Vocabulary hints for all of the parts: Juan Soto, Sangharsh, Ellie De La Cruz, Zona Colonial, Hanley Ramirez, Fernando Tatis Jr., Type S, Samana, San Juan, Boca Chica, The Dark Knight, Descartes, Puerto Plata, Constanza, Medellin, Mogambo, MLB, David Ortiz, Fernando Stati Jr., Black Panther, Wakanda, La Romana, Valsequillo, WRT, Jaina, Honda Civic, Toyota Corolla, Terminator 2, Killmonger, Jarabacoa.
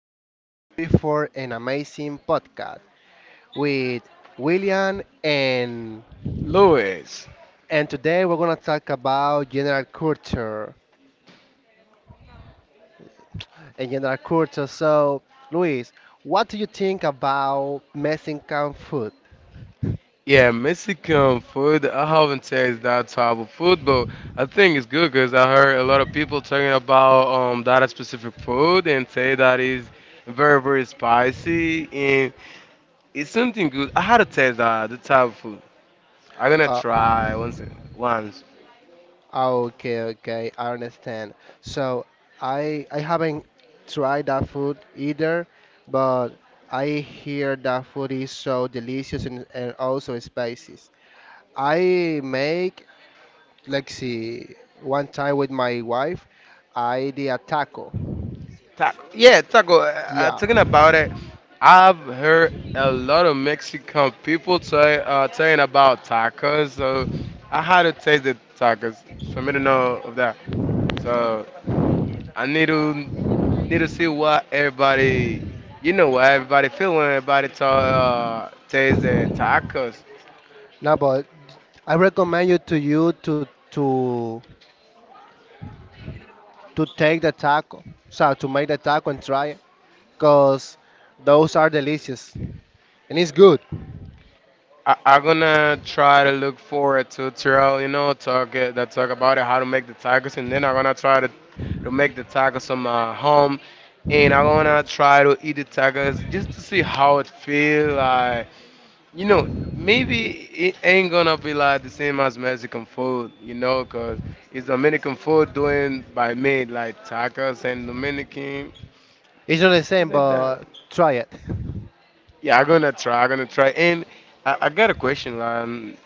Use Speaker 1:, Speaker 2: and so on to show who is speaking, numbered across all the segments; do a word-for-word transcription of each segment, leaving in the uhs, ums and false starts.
Speaker 1: this beautiful and amazing podcast with William and
Speaker 2: Louis.
Speaker 1: and today we're gonna talk about general culture and general culture. So Luis, what do you think about Mexican food?
Speaker 2: Yeah, Mexican food. I haven't tasted that type of food, but I think it's good because I heard a lot of people talking about um that specific food and say that is very, very spicy and it's something good. I had to taste that the type of food. I'm gonna
Speaker 1: Uh,
Speaker 2: try once once.
Speaker 1: oh, okay, okay, I understand. So I I haven't tried that food either, but I hear that food is so delicious and, and also spicy. I make, let's see, one time with my wife, I did a taco.
Speaker 2: Ta- yeah, taco, uh, uh,
Speaker 1: Yeah.
Speaker 2: talking about it, I've heard a lot of Mexican people say, uh, saying about tacos, so I had to taste the tacos for me to know of that. So I need to need to see what everybody, you know, what everybody feeling, everybody ta- uh, taste the tacos.
Speaker 1: No, but I recommend you to you to to to take the taco, so to make the taco and try it, cause those are delicious and it's good.
Speaker 2: I, I'm gonna try to look for a tutorial, you know, talk it, that talk about it, how to make the tacos, and then I'm gonna try to, to make the tacos on my home, and I'm gonna try to eat the tacos just to see how it feel like. You know, maybe it ain't gonna be like the same as Mexican food, you know, 'cause it's Dominican food doing by me like tacos and Dominican,
Speaker 1: It's not the same,
Speaker 2: like that.
Speaker 1: but try it.
Speaker 2: Yeah, I'm gonna try. I'm gonna try. And I, I got a question, like,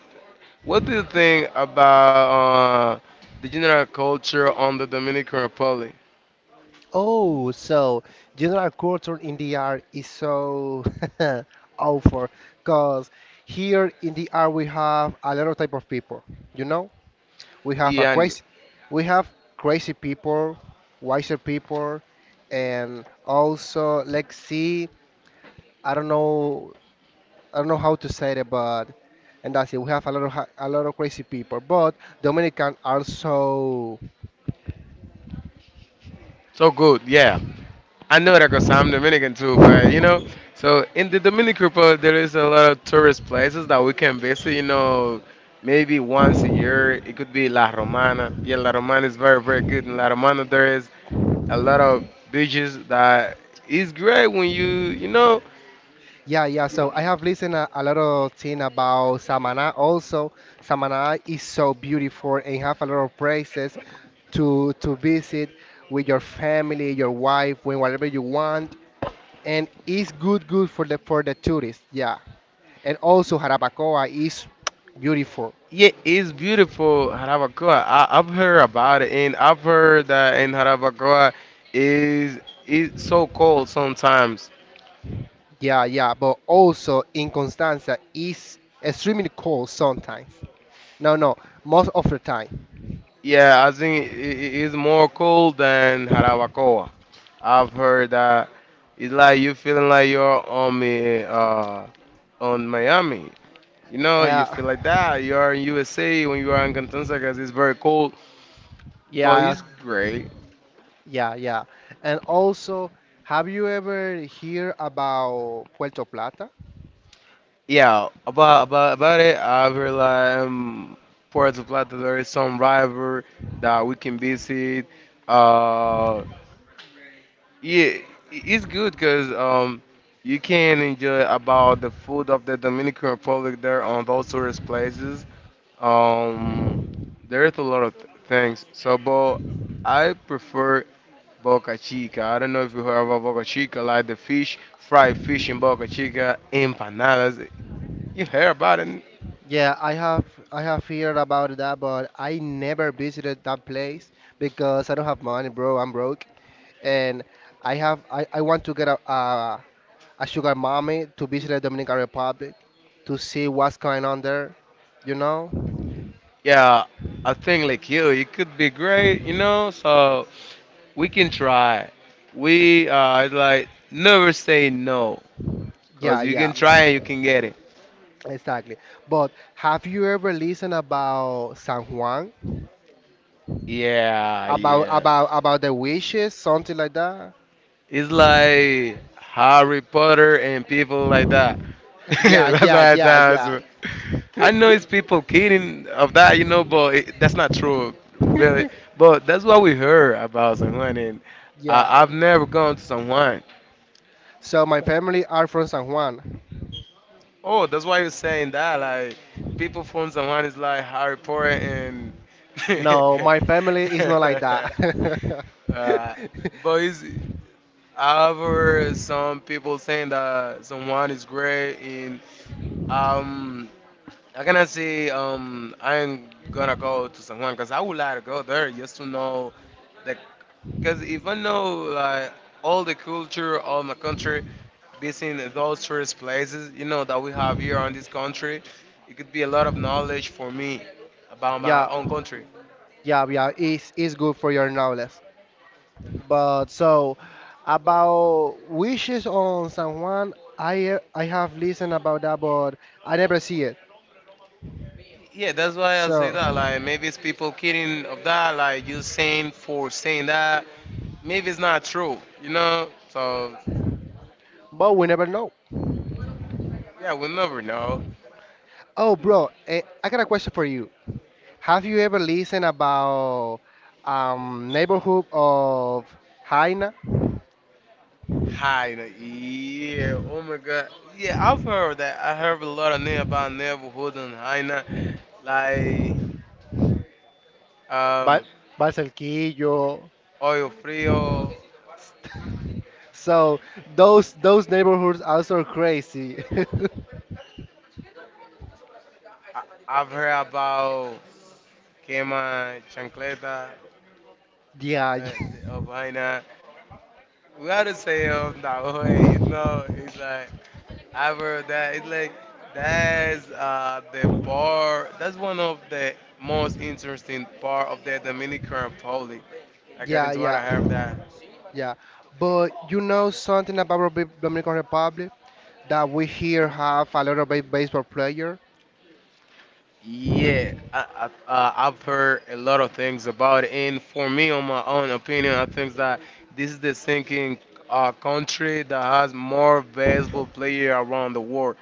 Speaker 2: what do you think about uh, the general culture on the Dominican Republic?
Speaker 1: Oh, so general culture in the art is so awful, cause here in the art we have a lot of type of people, you know. We have a
Speaker 2: Yeah,
Speaker 1: crazy, we have crazy people, wiser people, and also let's see. I don't know, I don't know how to say it, but and that's it. We have a lot of ha- a lot of crazy people, but Dominican also.
Speaker 2: so good. Yeah, I know that because I'm Dominican too. But you know, so in the Dominican Republic, there is a lot of tourist places that we can visit. You know, maybe once a year. It could be La Romana. Yeah, La Romana is very, very good. In La Romana, there is a lot of beaches that is great when you you know.
Speaker 1: Yeah, yeah. So I have listened a, a lot of thing about Samana. Also, Samana is so beautiful and have a lot of places to to visit with your family, your wife, when whatever you want, and it's good good for the for the tourists. Yeah. And also Jarabacoa is beautiful.
Speaker 2: Yeah, it's beautiful, Jarabacoa. I, I've heard about it, and I've heard that in Jarabacoa is is so cold sometimes.
Speaker 1: Yeah, yeah, but also in Constanza is extremely cold sometimes. No, no, most of the time.
Speaker 2: Yeah, I think it is more cold than Jarabacoa. I've heard that it's like you feeling like you're on me, uh, on Miami. You know, you
Speaker 1: uh,
Speaker 2: feel like that. You are in U S A when you are in Constanza because it's very cold,
Speaker 1: yeah,
Speaker 2: but
Speaker 1: I was-
Speaker 2: it's great.
Speaker 1: yeah, yeah. And also, have you ever hear about Puerto Plata?
Speaker 2: Yeah, about about about it, I realize um, Puerto Plata there is some river that we can visit. Uh, yeah, i- it's good because um, you can enjoy about the food of the Dominican Republic there on those tourist places. Um, there's a lot of th things. So, but I prefer Boca Chica. I don't know if you heard about Boca Chica, like the fish, fried fish in Boca Chica, empanadas. You hear about it?
Speaker 1: Yeah, I have I have heard about that, but I never visited that place because I don't have money, bro. I'm broke, and I have I, I want to get a, a a sugar mommy to visit the Dominican Republic to see what's going on there, you know?
Speaker 2: Yeah, I think like you, it could be great, you know. So we can try. We uh like never say no, cause
Speaker 1: Yeah,
Speaker 2: you can
Speaker 1: yeah,
Speaker 2: try and you can get it.
Speaker 1: exactly. But have you ever listened about San Juan?
Speaker 2: Yeah,
Speaker 1: About
Speaker 2: yeah.
Speaker 1: about about the wishes, something like that?
Speaker 2: It's like Harry Potter and people like that.
Speaker 1: Yeah,
Speaker 2: That's
Speaker 1: yeah,
Speaker 2: why I times.
Speaker 1: yeah,
Speaker 2: I know it's people kidding of that, you know, but it, that's not true, really.
Speaker 1: yeah.
Speaker 2: But that's what we heard about San Juan, and
Speaker 1: Yeah.
Speaker 2: I, I've never gone to San Juan.
Speaker 1: So my family are from San Juan.
Speaker 2: Oh, that's why you're saying that. Like, people phone someone is like Harry Potter and.
Speaker 1: No, my family is not like that.
Speaker 2: uh, but is however, some people saying that someone is great in um I cannot say um I'm gonna go to San Juan because I would like to go there just to know the because if I know like all the culture of my country, visiting those tourist places, you know that we have here on this country, it could be a lot of knowledge for me about my
Speaker 1: yeah,
Speaker 2: own country.
Speaker 1: yeah, yeah. It's it's good for your knowledge. But so about wishes on San Juan, I I have listened about that, but I never see it.
Speaker 2: Yeah, that's why I say
Speaker 1: So
Speaker 2: that. Like maybe it's people kidding of that, like you saying for saying that. Maybe it's not true, you know. So
Speaker 1: But we never know.
Speaker 2: yeah, we'll never know.
Speaker 1: Oh, bro, eh, I got a question for you. Have you ever listened about um, neighborhood of Jaina,
Speaker 2: Hyena, yeah. Oh my god. Yeah, I've heard that. I heard a lot of name about neighborhood and Hyena. Like,
Speaker 1: Val
Speaker 2: um,
Speaker 1: Valsequillo?
Speaker 2: Oil Frio.
Speaker 1: So those those neighborhoods are so crazy.
Speaker 2: I- I've heard about Quema Chancleta,
Speaker 1: Yeah,
Speaker 2: uh, the- of
Speaker 1: y-
Speaker 2: Hyena. We gotta say um, that way, you know. It's like, I've heard that. It's like, that's uh, the bar. That's one of the most interesting part of the Dominican Republic according
Speaker 1: yeah,
Speaker 2: to what
Speaker 1: yeah,
Speaker 2: I have that.
Speaker 1: yeah. But you know something about Republic- Dominican Republic that we here have a lot of ba- baseball player.
Speaker 2: Yeah, I, I, uh, I've heard a lot of things about it, and for me, on my own opinion, I think that this is the thinking uh, country that has more valuable player around the world.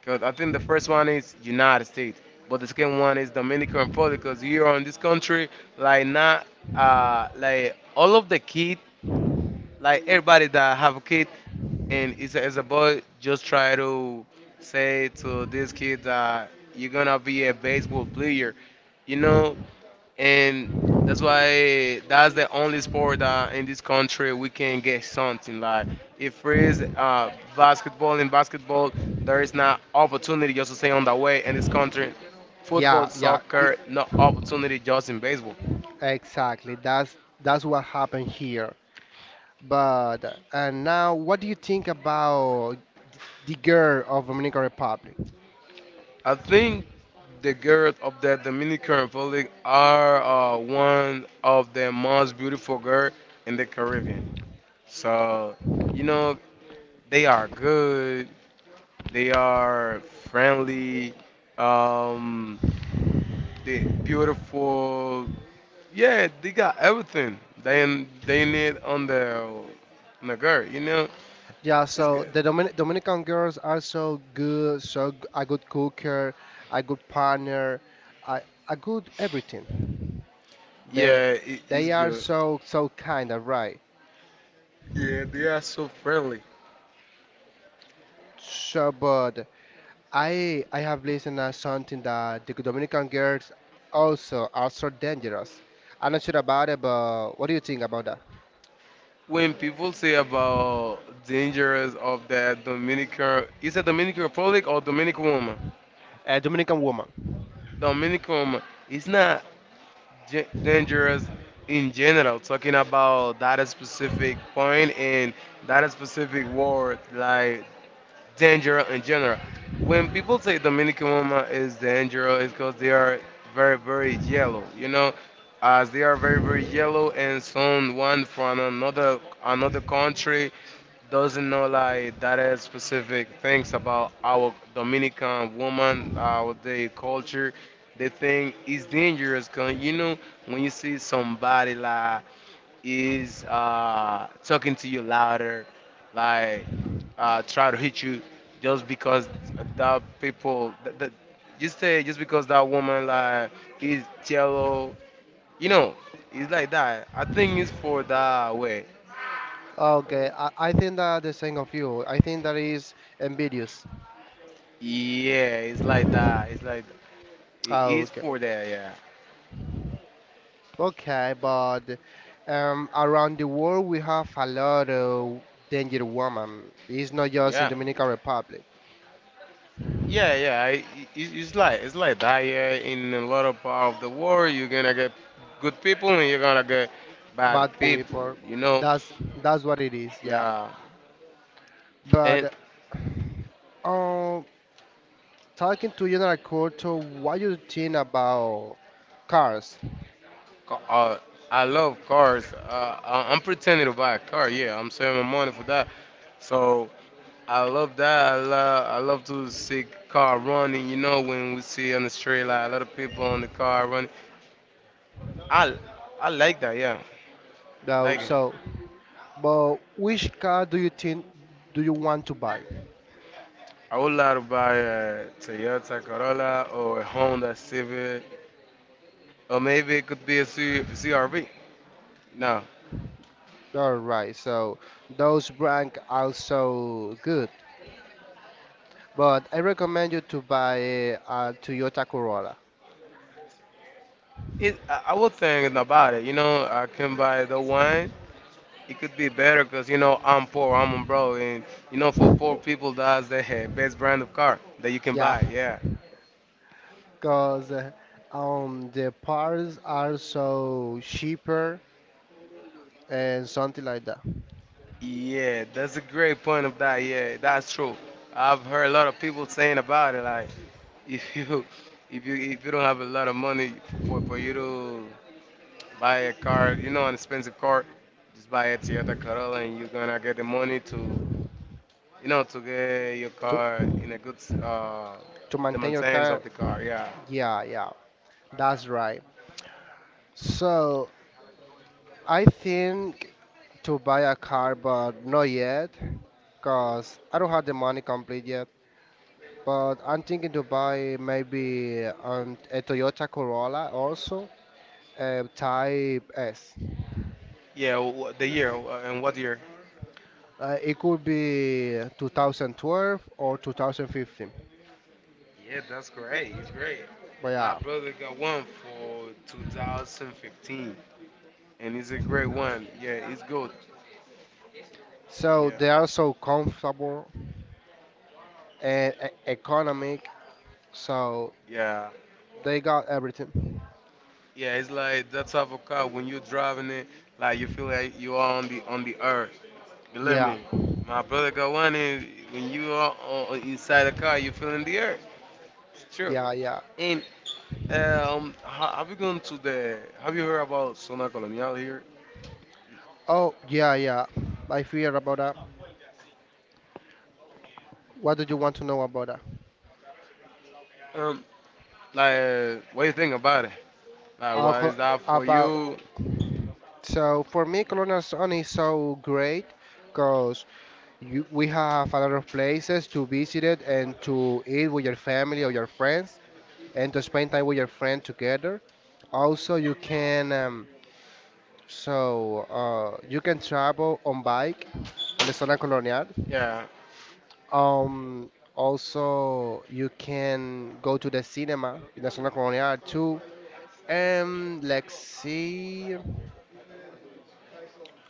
Speaker 2: Because I think the first one is United States, but the second one is Dominican Republic. Because here on this country, like not uh, like all of the kids, like everybody that have a kid and is a, it's a boy just try to say to this kid that you're gonna be a baseball player, you know, and that's why that's the only sport that in this country we can get something like. If there is uh, basketball, in basketball there is not opportunity just to stay on the way in this country. Football,
Speaker 1: Yeah, yeah, i-
Speaker 2: soccer, no opportunity, just in baseball.
Speaker 1: exactly. That's that's what happened here. But uh, and now, what do you think about the girl of Dominican Republic?
Speaker 2: I think the girls of the Dominican Republic are uh, one of the most beautiful girls in the Caribbean. So, you know, they are good, they are friendly, um, they beautiful. Yeah, they got everything they they need on the on the girl. You know,
Speaker 1: Yeah,
Speaker 2: it's
Speaker 1: so
Speaker 2: good.
Speaker 1: the Dominic Dominican girls are so good, so g- a good cooker, a good partner, a, a good everything. They
Speaker 2: Yeah, it, it's
Speaker 1: they are
Speaker 2: good.
Speaker 1: so so kind, of right?
Speaker 2: Yeah, they are so friendly.
Speaker 1: So, but I I have listened to something that the Dominican girls also are so dangerous. I'm not sure about it, but what do you think about that?
Speaker 2: When people say about dangers of that Dominican, is it Dominican Republic or Dominican woman?
Speaker 1: A Dominican woman.
Speaker 2: Dominican woman. It's not ge- dangerous in general. Talking about that specific point and that specific word, like danger in general. When people say Dominican woman is dangerous, it's because they are very, very yellow, you know, as they are very, very yellow, and someone from another another country doesn't know like that is specific things about our Dominican woman, our day culture. They think it's dangerous, cause you know when you see somebody like is uh, talking to you louder, like uh, try to hit you just because that people that, that you say just because that woman like is yellow, you know, it's like that. I think it's for that way.
Speaker 1: Okay, I, I think that the same of you. I think that is ambitious.
Speaker 2: Yeah, it's like that. It's like it is
Speaker 1: Okay,
Speaker 2: for that. Yeah,
Speaker 1: okay, but um, around the world we have a lot of danger women. It's not just in
Speaker 2: yeah.
Speaker 1: Dominican Republic.
Speaker 2: Yeah, yeah, I- i- it's it's like it's like that. Yeah, in a lot of part of the world, you're gonna get good people and you're gonna get bad
Speaker 1: Bad
Speaker 2: people.
Speaker 1: people.
Speaker 2: You know,
Speaker 1: That's that's what it is. Yeah.
Speaker 2: yeah, and
Speaker 1: But um, talking to general culture, what you think about cars?
Speaker 2: ca- uh, I love cars. Uh, I- I'm pretending to buy a car. Yeah, I'm saving my money for that. So I love that. I love I love to see car running. You know, when we see on the street like a lot of people on the car running. I I like that. Yeah,
Speaker 1: Now,
Speaker 2: like it.
Speaker 1: so, but which car do you think do you want to buy?
Speaker 2: I would like to buy a Toyota Corolla or a Honda Civic, or maybe it could be a C C R V. No,
Speaker 1: All right, so those rank also good, but I recommend you to buy a Toyota Corolla.
Speaker 2: it. I I was thinking about it. You know, I can buy the one. It could be better because you know I'm poor, I'm a bro, and you know for poor people that's the eh, best brand of car that you can
Speaker 1: Yeah,
Speaker 2: buy. Yeah,
Speaker 1: because um the parts are so cheaper and something like that
Speaker 2: yeah, that's a great point of that. Yeah, that's true. I've heard a lot of people saying about it. Like, if you, if you, if you don't have a lot of money for, for you to buy a car, you know, an expensive car, just buy a Toyota Corolla and you're gonna get the money to, you know, to get your
Speaker 1: to
Speaker 2: car in a good, uh,
Speaker 1: to
Speaker 2: the
Speaker 1: maintain your
Speaker 2: maintenance of
Speaker 1: car.
Speaker 2: the car. Yeah.
Speaker 1: Yeah, yeah, that's right. So I think to buy a car, but not yet, because I don't have the money complete. But I'm thinking to buy maybe um, a Toyota Corolla also, uh, Type S.
Speaker 2: Yeah, wh- the year uh, and what year?
Speaker 1: Uh, it could be twenty twelve or twenty fifteen.
Speaker 2: Yeah, that's great. It's great.
Speaker 1: But
Speaker 2: My
Speaker 1: yeah,
Speaker 2: brother got one for two thousand fifteen, and it's a great one. Yeah, it's good.
Speaker 1: so
Speaker 2: Yeah,
Speaker 1: they are so comfortable and e- economic, so
Speaker 2: yeah,
Speaker 1: they got everything.
Speaker 2: yeah. It's like that type of car when you're driving it, like you feel like you are on the on the earth. Believe
Speaker 1: Yeah,
Speaker 2: me, my brother got one, and when you are on, inside the car, you're feeling the earth. It's true.
Speaker 1: yeah, yeah.
Speaker 2: And um, ha- have you gone to the? Have you heard about Zona Colonial here?
Speaker 1: Oh, yeah, yeah. I fear about that. What do you want to know about that?
Speaker 2: Um, Like, what do you think about it? Like,
Speaker 1: Uh,
Speaker 2: why
Speaker 1: co-
Speaker 2: is that for
Speaker 1: about
Speaker 2: you?
Speaker 1: so for me, Colonel Sun is so great. Because. You, we have a lot of places to visit it and to eat with your family or your friends and to spend time with your friend together. Also, you can um, so uh, you can travel on bike on the Zona Colonial.
Speaker 2: Yeah.
Speaker 1: Um, also, you can go to the cinema in the Zona Colonial too. And let's see.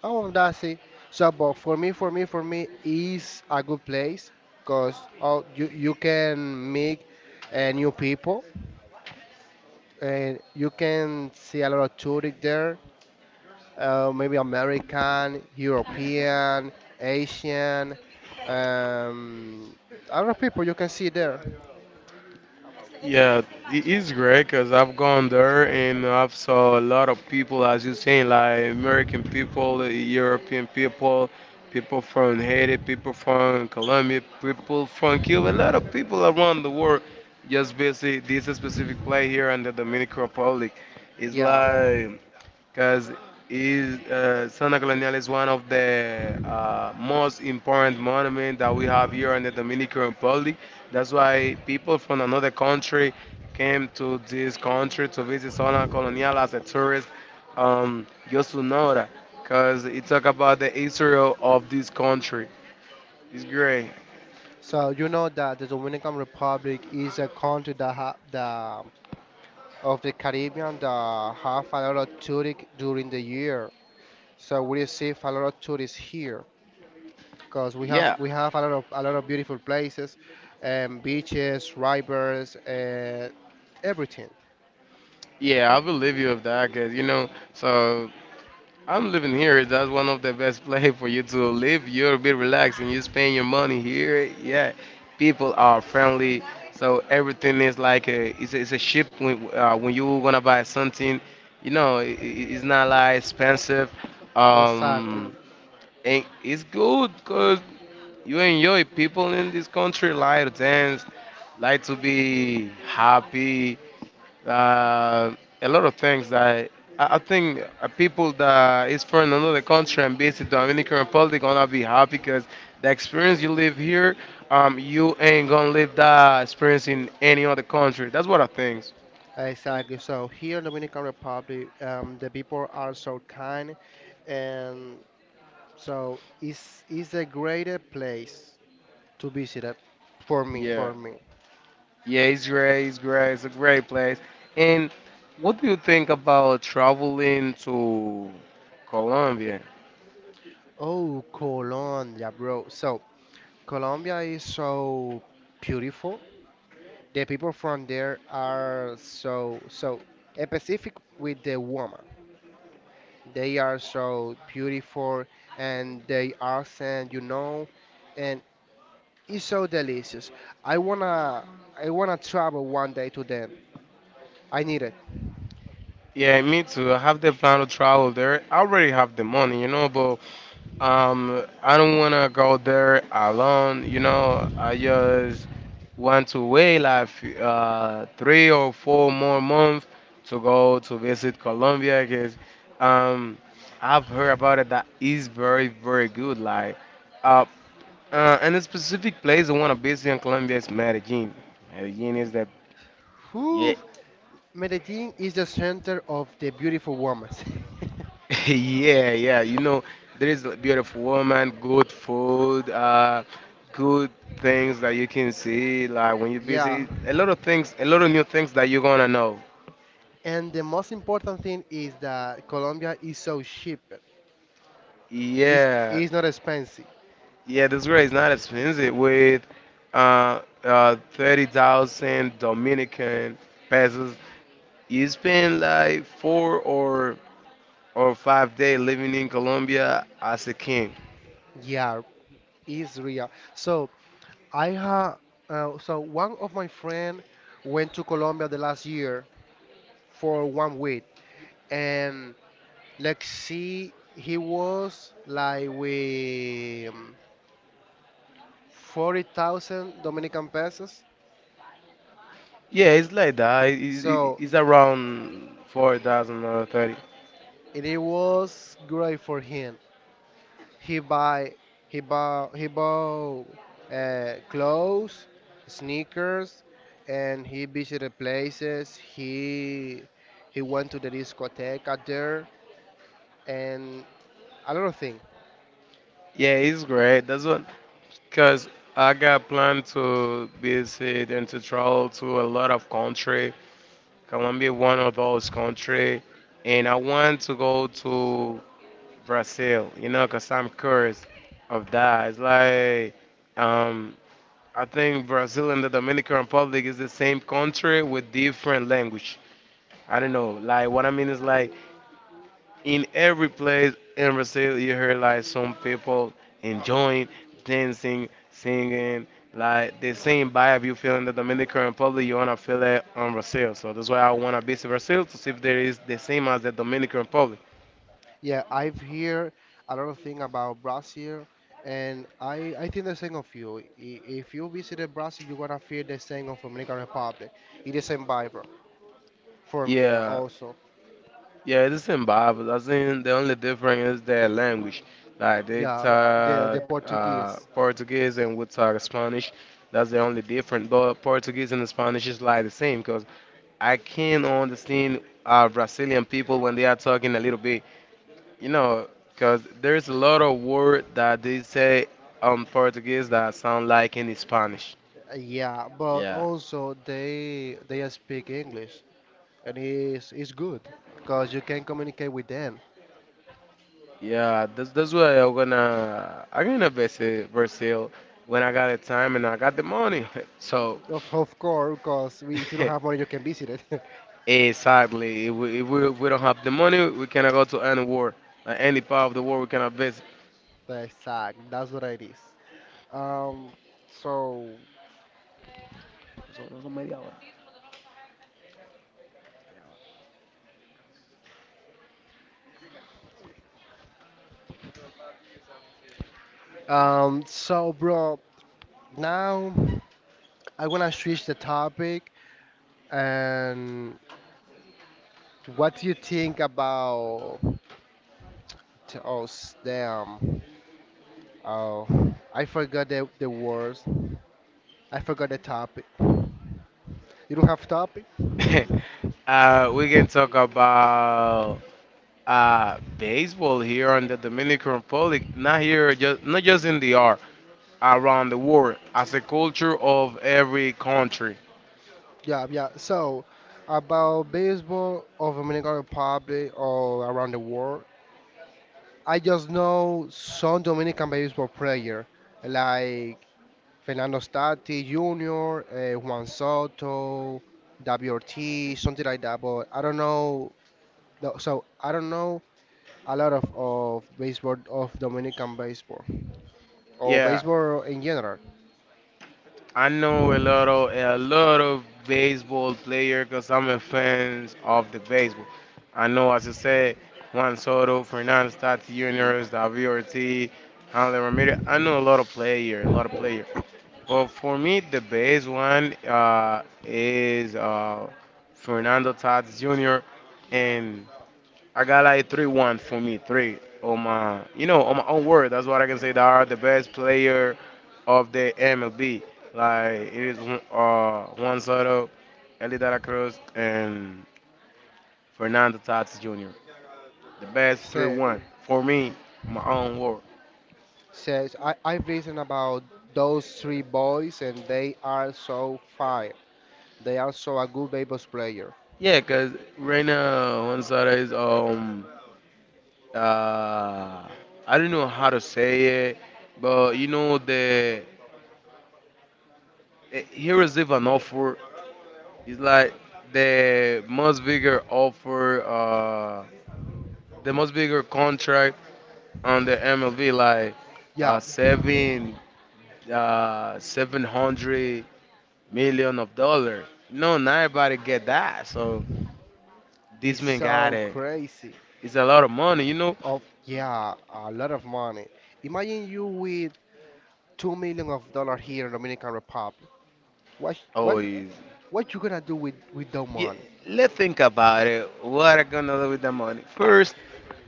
Speaker 1: Oh, that's it. So, but for me, for me, for me, is a good place because oh, you you can meet uh, new people and you can see a lot of tourists there. Uh, maybe American, European, Asian, um, a lot of people you can see there.
Speaker 2: Yeah, it is great because I've gone there and I've saw a lot of people, as you're saying, like American people, European people, people from Haiti, people from Colombia, people from Cuba, a lot of people around the world. Just basically, this specific play here in the Dominican Republic. It's
Speaker 1: Yeah.
Speaker 2: like because is uh, Santa Colonial is one of the uh, most important monuments that we have here in the Dominican Republic. That's why people from another country came to this country to visit Santa Colonial as a tourist, um, just to know that, because it talk about the history of of this country. It's great.
Speaker 1: So you know that the Dominican Republic is a country that ha the of the Caribbean that have a lot of tourists during the year. So we will see if a lot of tourists here because we have
Speaker 2: Yeah,
Speaker 1: we have a lot of a lot of beautiful places, um, beaches, rivers, uh, everything.
Speaker 2: yeah, I believe you of that, cause you know, so I'm living here. That's one of the best place for you to live. You're a bit relaxed and you spend your money here. Yeah, people are friendly, so everything is like a it's a, it's a ship when uh, when you gonna buy something, you know, it, it- it's not like expensive.
Speaker 1: Exactly.
Speaker 2: Um, and it's good because you enjoy people in this country like to dance, like to be happy, uh, a lot of things that I, I think uh, people that is from another country and visit Dominican Republic gonna be happy because the experience you live here, um, you ain't gonna live that experience in any other country. That's what I think.
Speaker 1: Exactly. So here in Dominican Republic, um, the people are so kind, and so it's it's the greatest place to visit it for me
Speaker 2: Yeah.
Speaker 1: for me.
Speaker 2: Yeah, it's great. It's great. It's a great place. And what do you think about traveling to Colombia?
Speaker 1: Oh, Colombia, bro. So Colombia is so beautiful. The people from there are so so specific with the woman. They are so beautiful and they are sent, you know, and it's so delicious. I wanna I wanna travel one day to them. I need it.
Speaker 2: Yeah, me too. I have the plan to travel there. I already have the money, you know, but Um, I don't wanna go there alone. You know, I just want to wait like uh, three or four more months to go to visit Colombia because um, I've heard about it that is very very good. Like, uh, uh, and a specific place I wanna visit in Colombia is Medellin. Medellin is that, yeah.
Speaker 1: Whew, Medellin is the center of the beautiful woman.
Speaker 2: Yeah, yeah. You know, there is a beautiful woman, good food, uh, good things that you can see. Like when you're
Speaker 1: Yeah,
Speaker 2: busy, a lot of things, a lot of new things that you're gonna know.
Speaker 1: and the most important thing is that Colombia is so cheap. It's,
Speaker 2: Yeah,
Speaker 1: it's not expensive.
Speaker 2: yeah. This girl is not expensive with uh, uh, thirty thousand Dominican pesos. You spend like four or or five days living in Colombia as a king.
Speaker 1: Yeah, it's real. So I ha uh, so one of my friend went to Colombia the last year for one week, and let's see, he was like with forty thousand Dominican pesos,
Speaker 2: Yeah, it's like that. It- it-
Speaker 1: so
Speaker 2: It's around four thousand or thirty.
Speaker 1: it, it was great for him. He buy he bought he bought uh, clothes, sneakers, and he visited places. He he went to the discotheque out there and a lot of thing.
Speaker 2: Yeah, it's great. That's what, because I got planned to visit and to travel to a lot of country. Colombia one of those country, and I want to go to Brazil. You know, because I'm curious of that. It's like, um, I think Brazil and the Dominican Republic is the same country with different language. I don't know. Like what I mean is like in every place in Brazil, you hear like some people enjoying, dancing, singing, like the same vibe you feel in the Dominican Republic, you wanna feel it on Brazil. So that's why I wanna visit Brazil to see if there is the same as the Dominican Republic.
Speaker 1: Yeah, I've heard a lot of thing about Brazil, and I I think the same of you. I- If you visited Brazil, you're gonna feel the same of Dominican Republic. It is same vibe for me
Speaker 2: Yeah,
Speaker 1: also.
Speaker 2: yeah, it's the same vibe. I think the only difference is their language. Like they
Speaker 1: Yeah, the
Speaker 2: talk
Speaker 1: the
Speaker 2: uh,
Speaker 1: Portuguese.
Speaker 2: Portuguese and we talk Spanish. That's the only difference. But Portuguese and Spanish is like the same because I can understand uh, Brazilian people when they are talking a little bit, you know, because there's a lot of word that they say on Portuguese that sound like in Spanish.
Speaker 1: Yeah, but
Speaker 2: Yeah,
Speaker 1: also they they speak English, and it's it's good because you can communicate with them.
Speaker 2: yeah, that's that's why I'm gonna I'm gonna visit Brazil when I got the time and I got the money. So
Speaker 1: Of of course, because if you don't have money, you can visit it.
Speaker 2: exactly, if we, if we, if we don't have the money, we cannot go to any war, like any part of the world we cannot visit.
Speaker 1: Exact. That's what it is. Um, so, um, so, bro, now I wanna switch the topic. And what do you think about? t- Oh, s- damn. Oh, I forgot the the words. I forgot the topic. You don't have topic?
Speaker 2: Uh, we can talk about uh, baseball here in the Dominican Republic, not here, just not just in the art, around the world, as a culture of every country.
Speaker 1: Yeah, yeah. So, about baseball of Dominican Republic or around the world, I just know some Dominican baseball player like Fernando Stati Junior, uh, Juan Soto, W R T, something like that. But I don't know. No, so I don't know a lot of, of baseball of Dominican baseball or
Speaker 2: Yeah,
Speaker 1: baseball in general.
Speaker 2: I know a lot of a lot of baseball player because I'm a fan of the baseball. I know, as you said, Juan Soto, Fernando Tatis Junior, David Ortiz, Hanley Ramirez. I know a lot of player, a lot of player. Well, for me, the best one uh, is uh, Fernando Tatis Junior And I got like three one for me, three on my, you know, on my own word. That's what I can say. They are the best player of the M L B. Like it is uh, Juan Soto, Ellie De La Cruz, and Fernando Tatis Junior The best three
Speaker 1: So,
Speaker 2: one for me, on my own word.
Speaker 1: so I, I've listened about those three boys and they are so fire. They are so a good baseball player.
Speaker 2: Yeah, cause right now Juan Soto is um uh, I don't know how to say it, but you know the eh, he received an offer. It's like the most bigger offer, uh, the most bigger contract on the M L B, like
Speaker 1: Yeah,
Speaker 2: uh, seven, uh, seven hundred million of dollar. No, not everybody get that. So
Speaker 1: it's
Speaker 2: this man got
Speaker 1: so
Speaker 2: it.
Speaker 1: crazy.
Speaker 2: It's a lot of money, you know.
Speaker 1: Of Yeah, a lot of money. Imagine you with two million of dollar here in Dominican Republic. What
Speaker 2: Oh,
Speaker 1: what
Speaker 2: he's.
Speaker 1: what you gonna do with with that
Speaker 2: Yeah,
Speaker 1: money?
Speaker 2: let's think about it. What I gonna do with the money? First,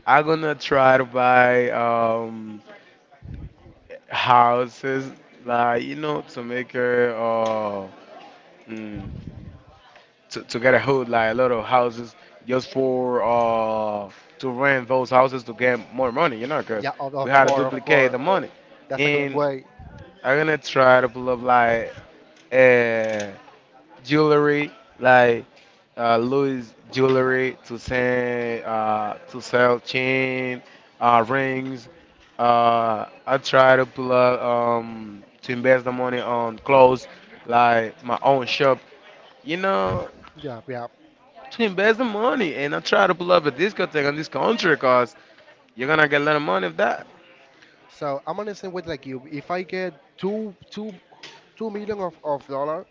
Speaker 2: I am gonna try to buy um houses, like you know, to make her uh mm, to to get a hood, like a lot of houses, just for uh to rent those houses to get more money, you know, 'cause
Speaker 1: Yeah, of,
Speaker 2: we
Speaker 1: of
Speaker 2: had to
Speaker 1: course, of
Speaker 2: duplicate
Speaker 1: course.
Speaker 2: the money.
Speaker 1: That's a good
Speaker 2: And
Speaker 1: way.
Speaker 2: I'm gonna try to pull up like uh jewelry, like uh, Louis jewelry to send, uh, to sell chain, uh, rings. Uh, I try to pull up um, to invest the money on clothes, like my own shop. You know,
Speaker 1: Yeah, yeah.
Speaker 2: to invest the money, and I try to pull up a discotheque on this country, cause you're gonna get a lot of money of that.
Speaker 1: So I'm on the same way like you. If I get two two two million of of dollar,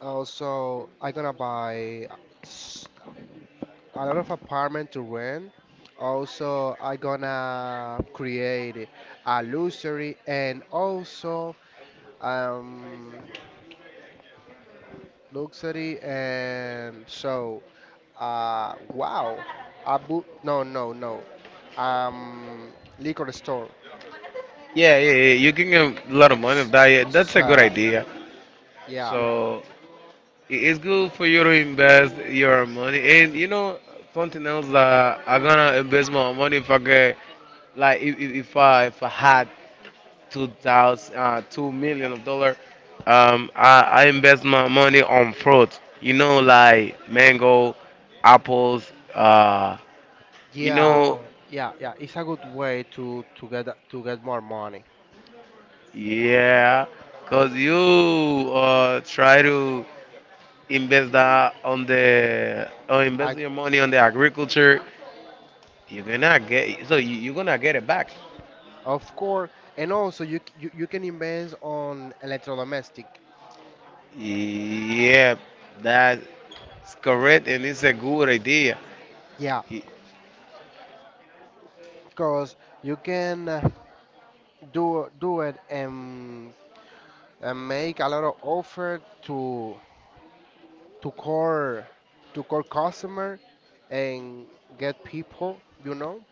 Speaker 1: also I gonna buy s- a lot of apartment to rent. Also, I gonna create a luxury and also um luxury and so Uh, wow. A boot? No, no, no. Um, liquor store.
Speaker 2: Yeah, yeah, yeah. You can get a lot of money of that. Yeah, that's a good
Speaker 1: So,
Speaker 2: idea.
Speaker 1: yeah,
Speaker 2: So. It's good for you to invest your money, and you know something else that I gonna invest my money if I get like if, if, if I if I had two thousand uh, two million of dollar, um I, I invest my money on fruit. You know like mango, apples, uh, you
Speaker 1: yeah,
Speaker 2: know,
Speaker 1: yeah, yeah. It's a good way to to get to get more money.
Speaker 2: yeah, cause you uh try to invest that on the, or
Speaker 1: I,
Speaker 2: invest your money on the agriculture. You're gonna get so you, you're gonna get it back.
Speaker 1: of course, and also you, c- you you can invest on electrodomestic.
Speaker 2: Yeah, that's correct, and it's a good idea.
Speaker 1: Yeah,
Speaker 2: Y-
Speaker 1: because you can uh, do do it and, and make a lot of offer to to core to core customer and get people. You know.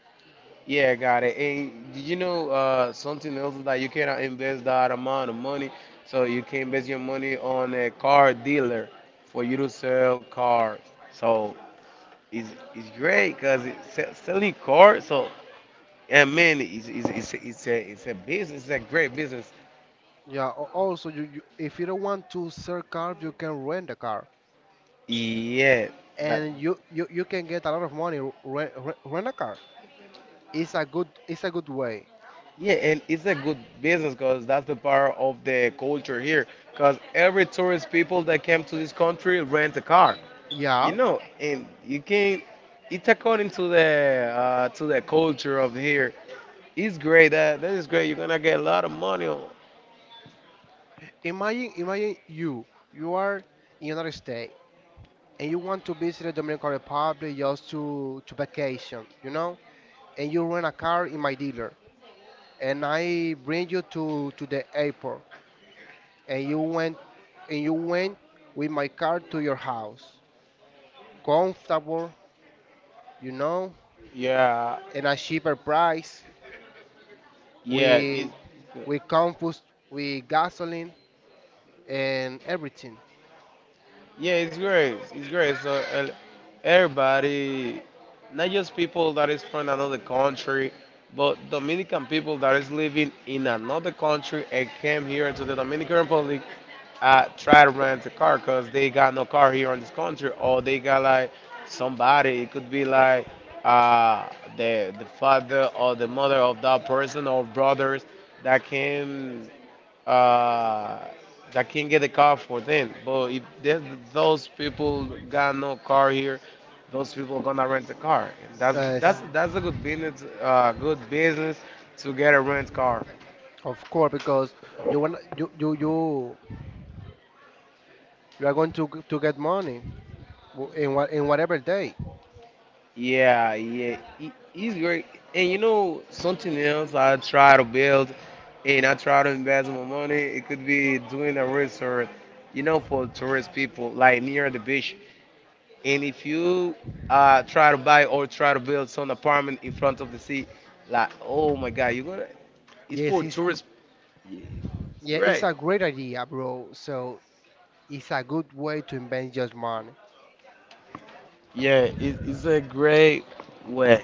Speaker 2: Yeah, got it. And did you know uh, something else is that you cannot invest that amount of money? So you can invest your money on a car dealer for you to sell cars. So it's, it's great because it's selling cars. So and man, it's, it's, it's, it's a it's a business. It's a great business.
Speaker 1: Yeah, al- also you, you if you don't want to sell car, you can rent a car,
Speaker 2: Yeah, that.
Speaker 1: and you you, you can get a lot of money rent, rent, a car. It's a good it's a good way.
Speaker 2: Yeah, and it's a good business because that's the part of the culture here. Because every tourist people that came to this country rent a car, you
Speaker 1: Yeah.
Speaker 2: know, and you can. It's according to the uh, to the culture of here. It's great. That that is great. You're gonna get a lot of money. On-
Speaker 1: Imagine imagine you you are in United States and you want to visit the Dominican Republic just to to vacation, you know, and you rent a car in my dealer, and I bring you to to the airport, and you went and you went with my car to your house, comfortable, you know
Speaker 2: Yeah,
Speaker 1: and a cheaper price.
Speaker 2: yeah.
Speaker 1: We
Speaker 2: It's,
Speaker 1: we confused with gasoline and everything.
Speaker 2: yeah, it's great. It's great. So uh, everybody, not just people that is from another country, but Dominican people that is living in another country and came here to the Dominican Republic, uh, try to rent a car because they got no car here in this country, or they got like somebody. It could be like uh, the the father or the mother of that person or brothers that came, uh, that can get a car for them. But if there's- those people got no car here, those people gonna rent a car. And that's
Speaker 1: Uh,
Speaker 2: that's that's a good business, uh, good business to get a rent car.
Speaker 1: Of course, because you want you you you you are going to g- to get money w- in what in whatever day.
Speaker 2: Yeah, yeah, it, it's great. And you know something else I try to build, and I try to invest my money. It could be doing a resort, you know, for tourist people, like near the beach. And if you uh, try to buy or try to build some apartment in front of the sea, like, oh my God, you're gonna, it's
Speaker 1: Yes,
Speaker 2: for
Speaker 1: it's
Speaker 2: tourists. Yeah, it's
Speaker 1: yeah, it's
Speaker 2: great.
Speaker 1: a great idea, bro. So it's a good way to invest your money.
Speaker 2: Yeah, it, it's a great way.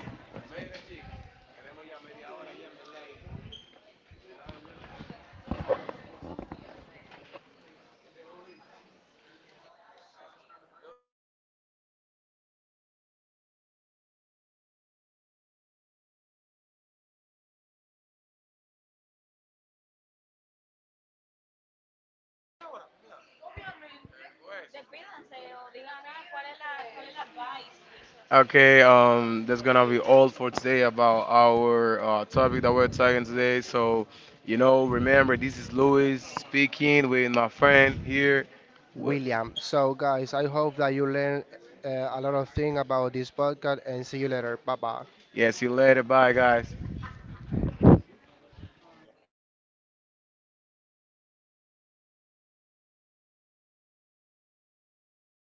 Speaker 2: Okay, um, that's gonna be all for today about our uh, topic that we're talking today. So, you know, remember this is Louis speaking with my friend here. Well,
Speaker 1: William. So, guys, I hope that you learn uh, a lot of things about this podcast and see you later. Bye bye.
Speaker 2: yeah, see you later. Bye, guys.